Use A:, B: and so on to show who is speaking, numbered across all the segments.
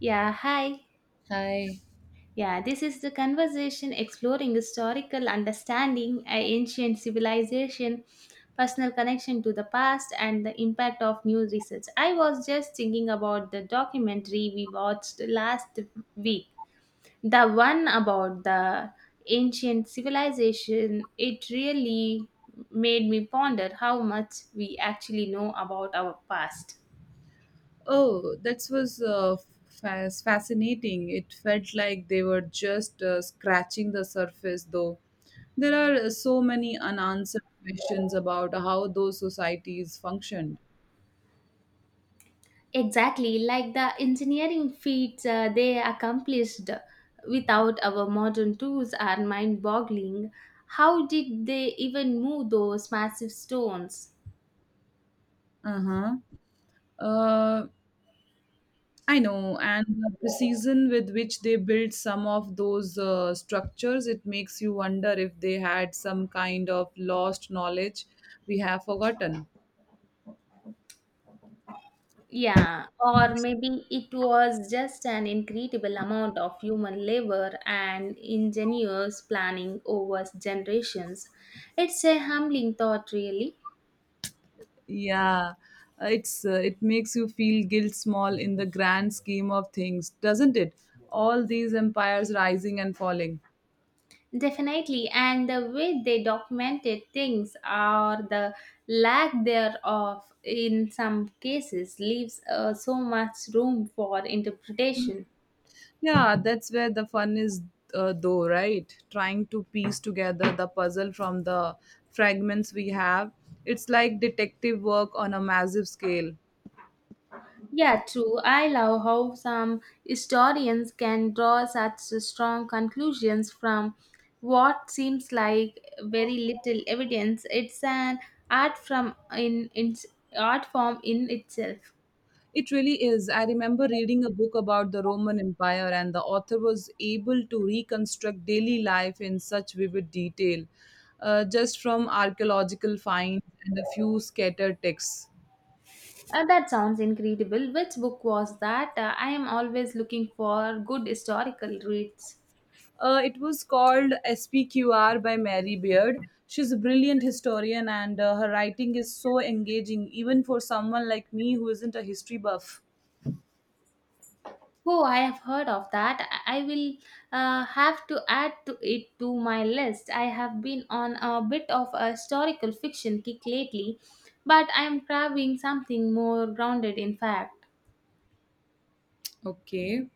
A: Yeah, hi.
B: Hi.
A: Yeah, this is the conversation exploring historical understanding, ancient civilization, personal connection to the past, and the impact of new research. I was just thinking about the documentary we watched last week, the one about the ancient civilization. It really made me ponder how much we actually know about our past.
B: Oh, that was fascinating. It felt like they were just scratching the surface, though. There are so many unanswered questions about how those societies functioned.
A: Exactly, like the engineering feats they accomplished without our modern tools are mind boggling. How did they even move those massive stones?
B: Uh-huh. Uh, I know, and the precision with which they built some of those structures. It makes you wonder if they had some kind of lost knowledge we have forgotten.
A: Yeah, or maybe it was just an incredible amount of human labor and ingenious planning over generations. It's a humbling thought, really.
B: Yeah. It's it makes you feel guilt small in the grand scheme of things, doesn't it? All these empires rising and falling.
A: Definitely, and the way they documented things or the lack thereof in some cases leaves so much room for interpretation.
B: Yeah, that's where the fun is, though, right? Trying to piece together the puzzle from the fragments we have. It's like detective work on a massive scale.
A: Yeah, true. I love how some historians can draw such strong conclusions from what seems like very little evidence. It's an art from in art form in itself.
B: It really is. I remember reading a book about the Roman Empire, and the author was able to reconstruct daily life in such vivid detail, just from archaeological finds and a few scattered texts.
A: That sounds incredible. Which book was that? I am always looking for good historical reads.
B: It was called SPQR by Mary Beard. She's a brilliant historian, and her writing is so engaging, even for someone like me who isn't a history buff.
A: Oh, I have heard of that. I will have to add to it to my list. I have been on a bit of a historical fiction kick lately, but I am craving something more grounded in fact.
B: Okay.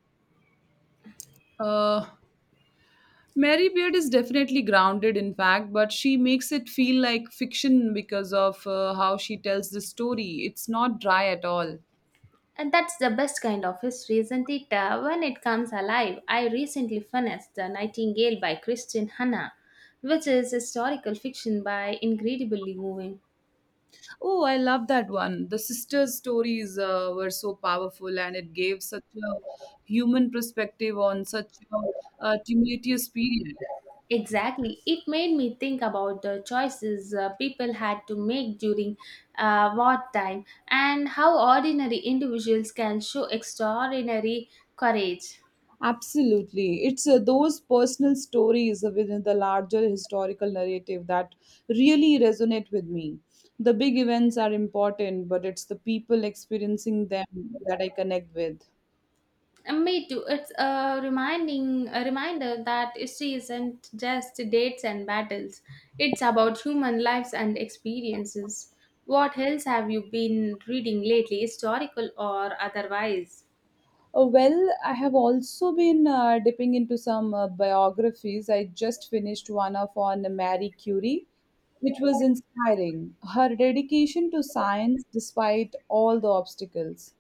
B: Uh, Mary Beard is definitely grounded, in fact, but she makes it feel like fiction because of how she tells the story. It's not dry at all.
A: And that's the best kind of history, isn't it? When it comes alive, I recently finished The Nightingale by Christian Hanna, which is historical fiction by incredibly moving.
B: Oh, I love that one. The sisters' stories were so powerful, and it gave such a human perspective on such a tumultuous period.
A: Exactly. It made me think about the choices people had to make during wartime and how ordinary individuals can show extraordinary courage.
B: Absolutely. It's those personal stories within the larger historical narrative that really resonate with me. The big events are important, but it's the people experiencing them that I connect with.
A: And me too. It's a reminder that history isn't just dates and battles. It's about human lives and experiences. What else have you been reading lately, historical or otherwise?
B: Well, I have also been dipping into some biographies. I just finished one of on Marie Curie, which was inspiring. Her dedication to science despite all the obstacles.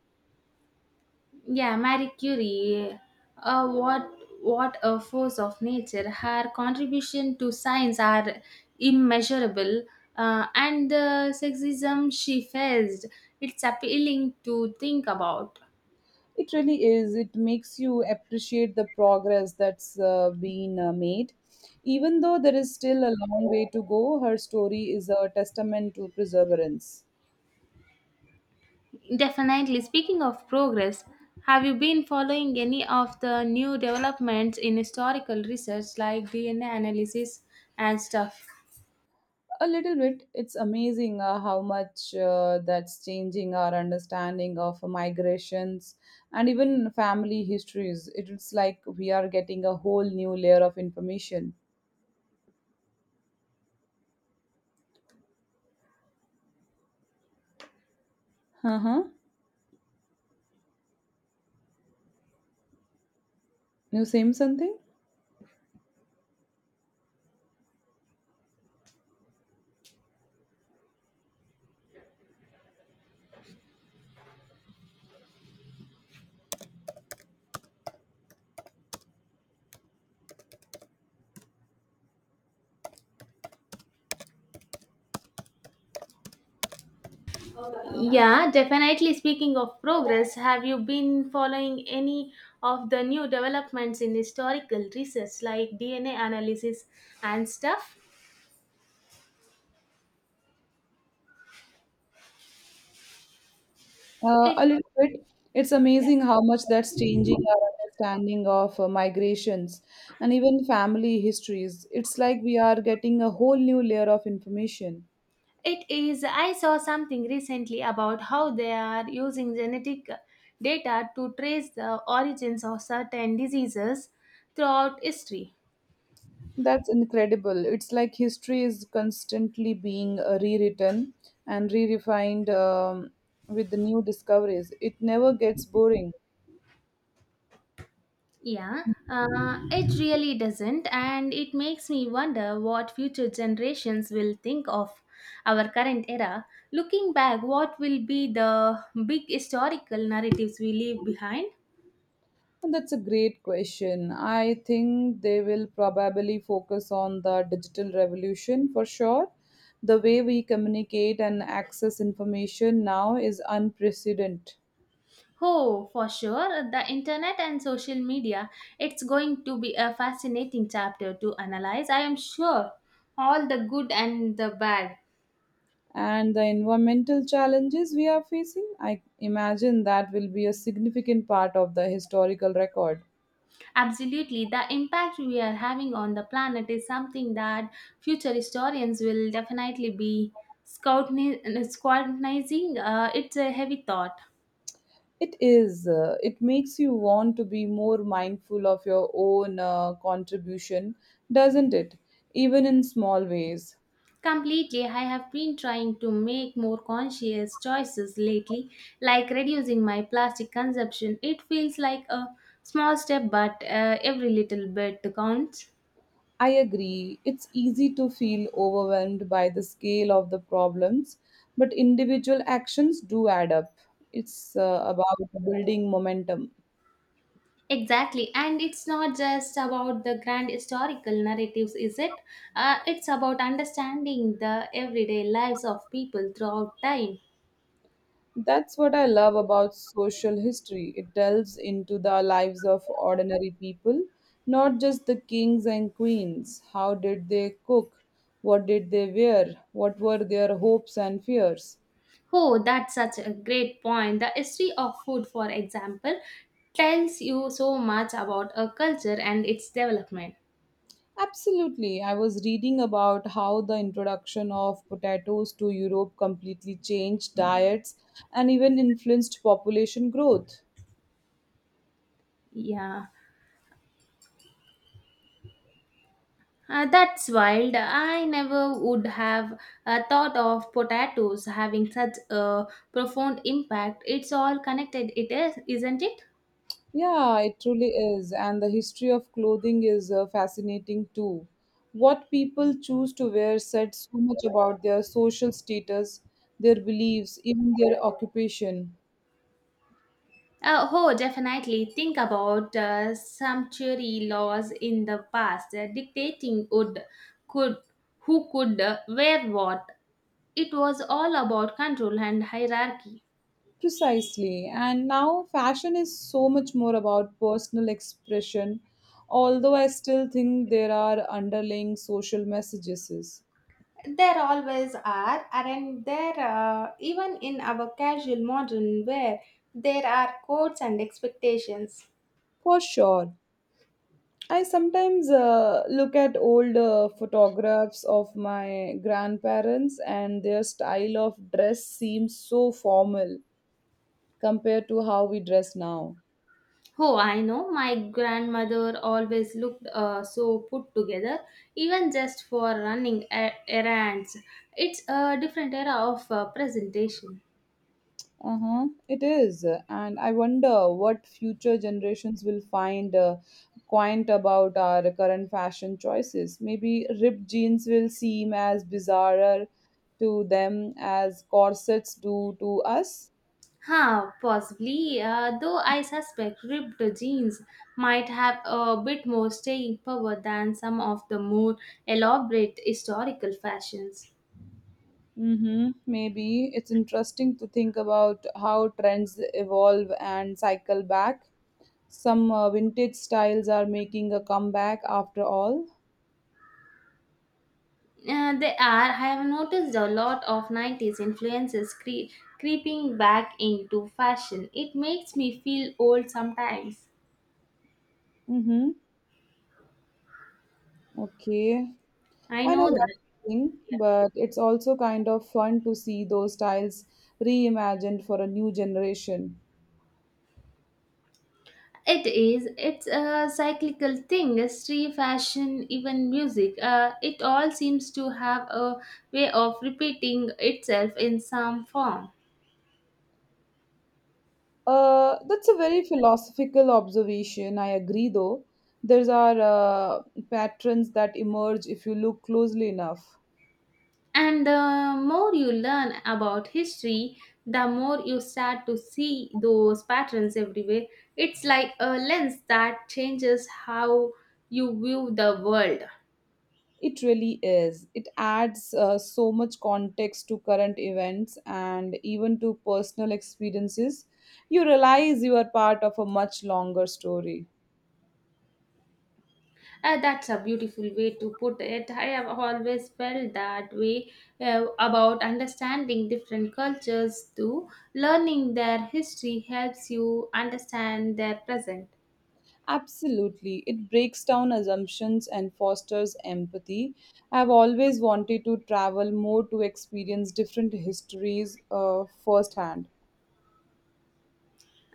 A: Yeah, Marie Curie. Uh, what what a force of nature! Her contribution to science are immeasurable, and the sexism she faced. It's appealing to think about.
B: It really is. It makes you appreciate the progress that's been made. Even though there is still a long way to go, her story is a testament to perseverance.
A: Definitely. Speaking of progress, have you been following any of the new developments in historical research like DNA analysis and stuff?
B: A little bit. It's amazing how much that's changing our understanding of migrations and even family histories. It's like we are getting a whole new layer of information. Uh huh. You saying something?
A: Yeah, definitely. Speaking of progress, have you been following any of the new developments in historical research like DNA analysis and stuff? It
B: A little bit. It's amazing how much that's changing our understanding of migrations and even family histories. It's like we are getting a whole new layer of information.
A: It is, I saw something recently about how they are using genetic data to trace the origins of certain diseases throughout history.
B: That's incredible. It's like history is constantly being rewritten and re-refined with the new discoveries. It never gets boring.
A: Yeah, it really doesn't, and it makes me wonder what future generations will think of our current era. Looking back, what will be the big historical narratives we leave behind?
B: And That's a great question. I think they will probably focus on the digital revolution for sure. The way we communicate and access information now is unprecedented.
A: Oh, for sure. The internet and social media, it's going to be a fascinating chapter to analyze. I am sure all the good and the bad.
B: And the environmental challenges we are facing, I imagine that will be a significant part of the historical record.
A: Absolutely. The impact we are having on the planet is something that future historians will definitely be scrutinizing. It's a heavy thought.
B: It is. It makes you want to be more mindful of your own contribution, doesn't it? Even in small ways.
A: Completely, I have been trying to make more conscious choices lately, like reducing my plastic consumption. It feels like a small step, but every little bit counts.
B: I agree. It's easy to feel overwhelmed by the scale of the problems, but individual actions do add up. It's about building momentum.
A: Exactly, and it's not just about the grand historical narratives, is it? It's about understanding the everyday lives of people throughout time.
B: That's what I love about social history. It delves into the lives of ordinary people, not just the kings and queens. How did they cook? What did they wear? What were their hopes and fears?
A: Oh, that's such a great point. The history of food, for example, tells you so much about a culture and its development.
B: Absolutely. I was reading about how the introduction of potatoes to Europe completely changed diets and even influenced population growth.
A: Yeah, that's wild. I never would have thought of potatoes having such a profound impact. It's all connected, it is, isn't it?
B: Yeah, it truly is. And the history of clothing is fascinating too. What people choose to wear said so much about their social status, their beliefs, even their occupation.
A: Oh, definitely. Think about sumptuary laws in the past dictating could, who could wear what. It was all about control and hierarchy.
B: Precisely. And now fashion is so much more about personal expression, although I still think there are underlying social messages.
A: There always are, and there? Even in our casual modern wear, there are codes and expectations.
B: For sure. I sometimes look at old photographs of my grandparents, and their style of dress seems so formal compared to how we dress now.
A: Oh, I know. My grandmother always looked so put together, even just for running errands. It's a different era of presentation.
B: Uh-huh, it is. And I wonder what future generations will find quaint about our current fashion choices. Maybe ripped jeans will seem as bizarre to them as corsets do to us.
A: Huh, possibly, though I suspect ripped jeans might have a bit more staying power than some of the more elaborate historical fashions.
B: Mm-hmm, maybe. It's interesting to think about how trends evolve and cycle back. Some vintage styles are making a comeback after all.
A: They are. I have noticed a lot of 90s influences creeping back into fashion. It makes me feel old sometimes.
B: Mm-hmm, okay.
A: I
B: I
A: know
B: know that
A: that.
B: feeling, but it's also kind of fun to see those styles reimagined for a new generation.
A: It is. It's a cyclical thing. History, fashion, even music. It all seems to have a way of repeating itself in some form.
B: That's a very philosophical observation. I agree, though. There's are patterns that emerge if you look closely enough.
A: And the more you learn about history, the more you start to see those patterns everywhere. It's like a lens that changes how you view the world.
B: It really is. It adds so much context to current events and even to personal experiences. You realize you are part of a much longer story.
A: That's a beautiful way to put it. I have always felt that way about understanding different cultures too. Learning their history helps you understand their present.
B: Absolutely. It breaks down assumptions and fosters empathy. I've always wanted to travel more to experience different histories firsthand.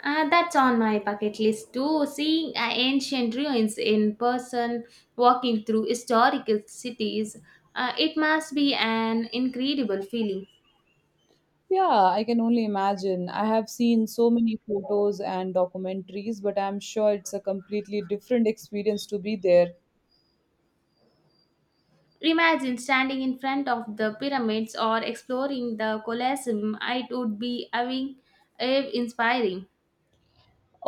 A: That's on my bucket list too. Seeing ancient ruins in person, walking through historical cities, it must be an incredible feeling.
B: Yeah, I can only imagine. I have seen so many photos and documentaries, but I'm sure it's a completely different experience to be there.
A: Imagine standing in front of the pyramids or exploring the Colosseum. It would be awing, inspiring.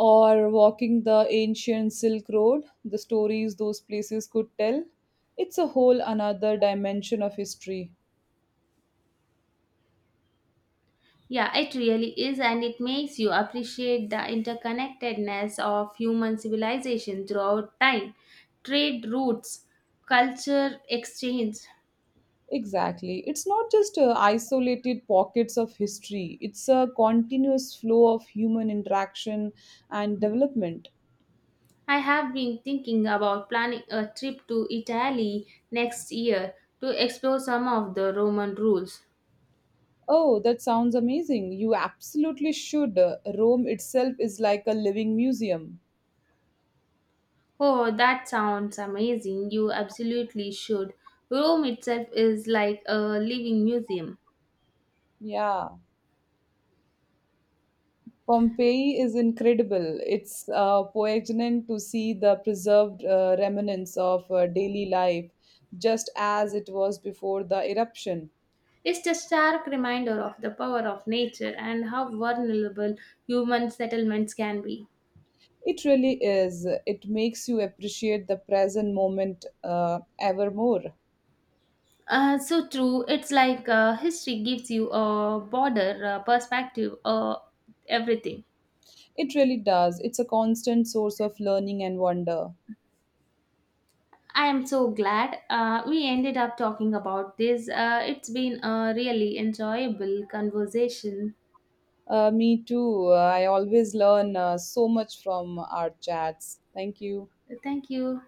B: Or walking the ancient Silk Road, the stories those places could tell. It's a whole another dimension of history.
A: Yeah, it really is, and it makes you appreciate the interconnectedness of human civilization throughout time, trade routes, culture exchange.
B: Exactly. It's not just isolated pockets of history, it's a continuous flow of human interaction and development.
A: I have been thinking about planning a trip to Italy next year to explore some of the Roman rules.
B: Oh, that sounds amazing. You absolutely should. Rome itself is like a living museum.
A: Oh, that sounds amazing. You absolutely should. Rome itself is like a living museum.
B: Yeah. Pompeii is incredible. It's poignant to see the preserved remnants of daily life just as it was before the eruption.
A: It's a stark reminder of the power of nature and how vulnerable human settlements can be.
B: It really is. It makes you appreciate the present moment ever more.
A: So true. It's like history gives you a broader perspective of everything.
B: It really does. It's a constant source of learning and wonder.
A: I am so glad we ended up talking about this. It's been a really enjoyable conversation.
B: Me too. I always learn so much from our chats. Thank you.
A: Thank you.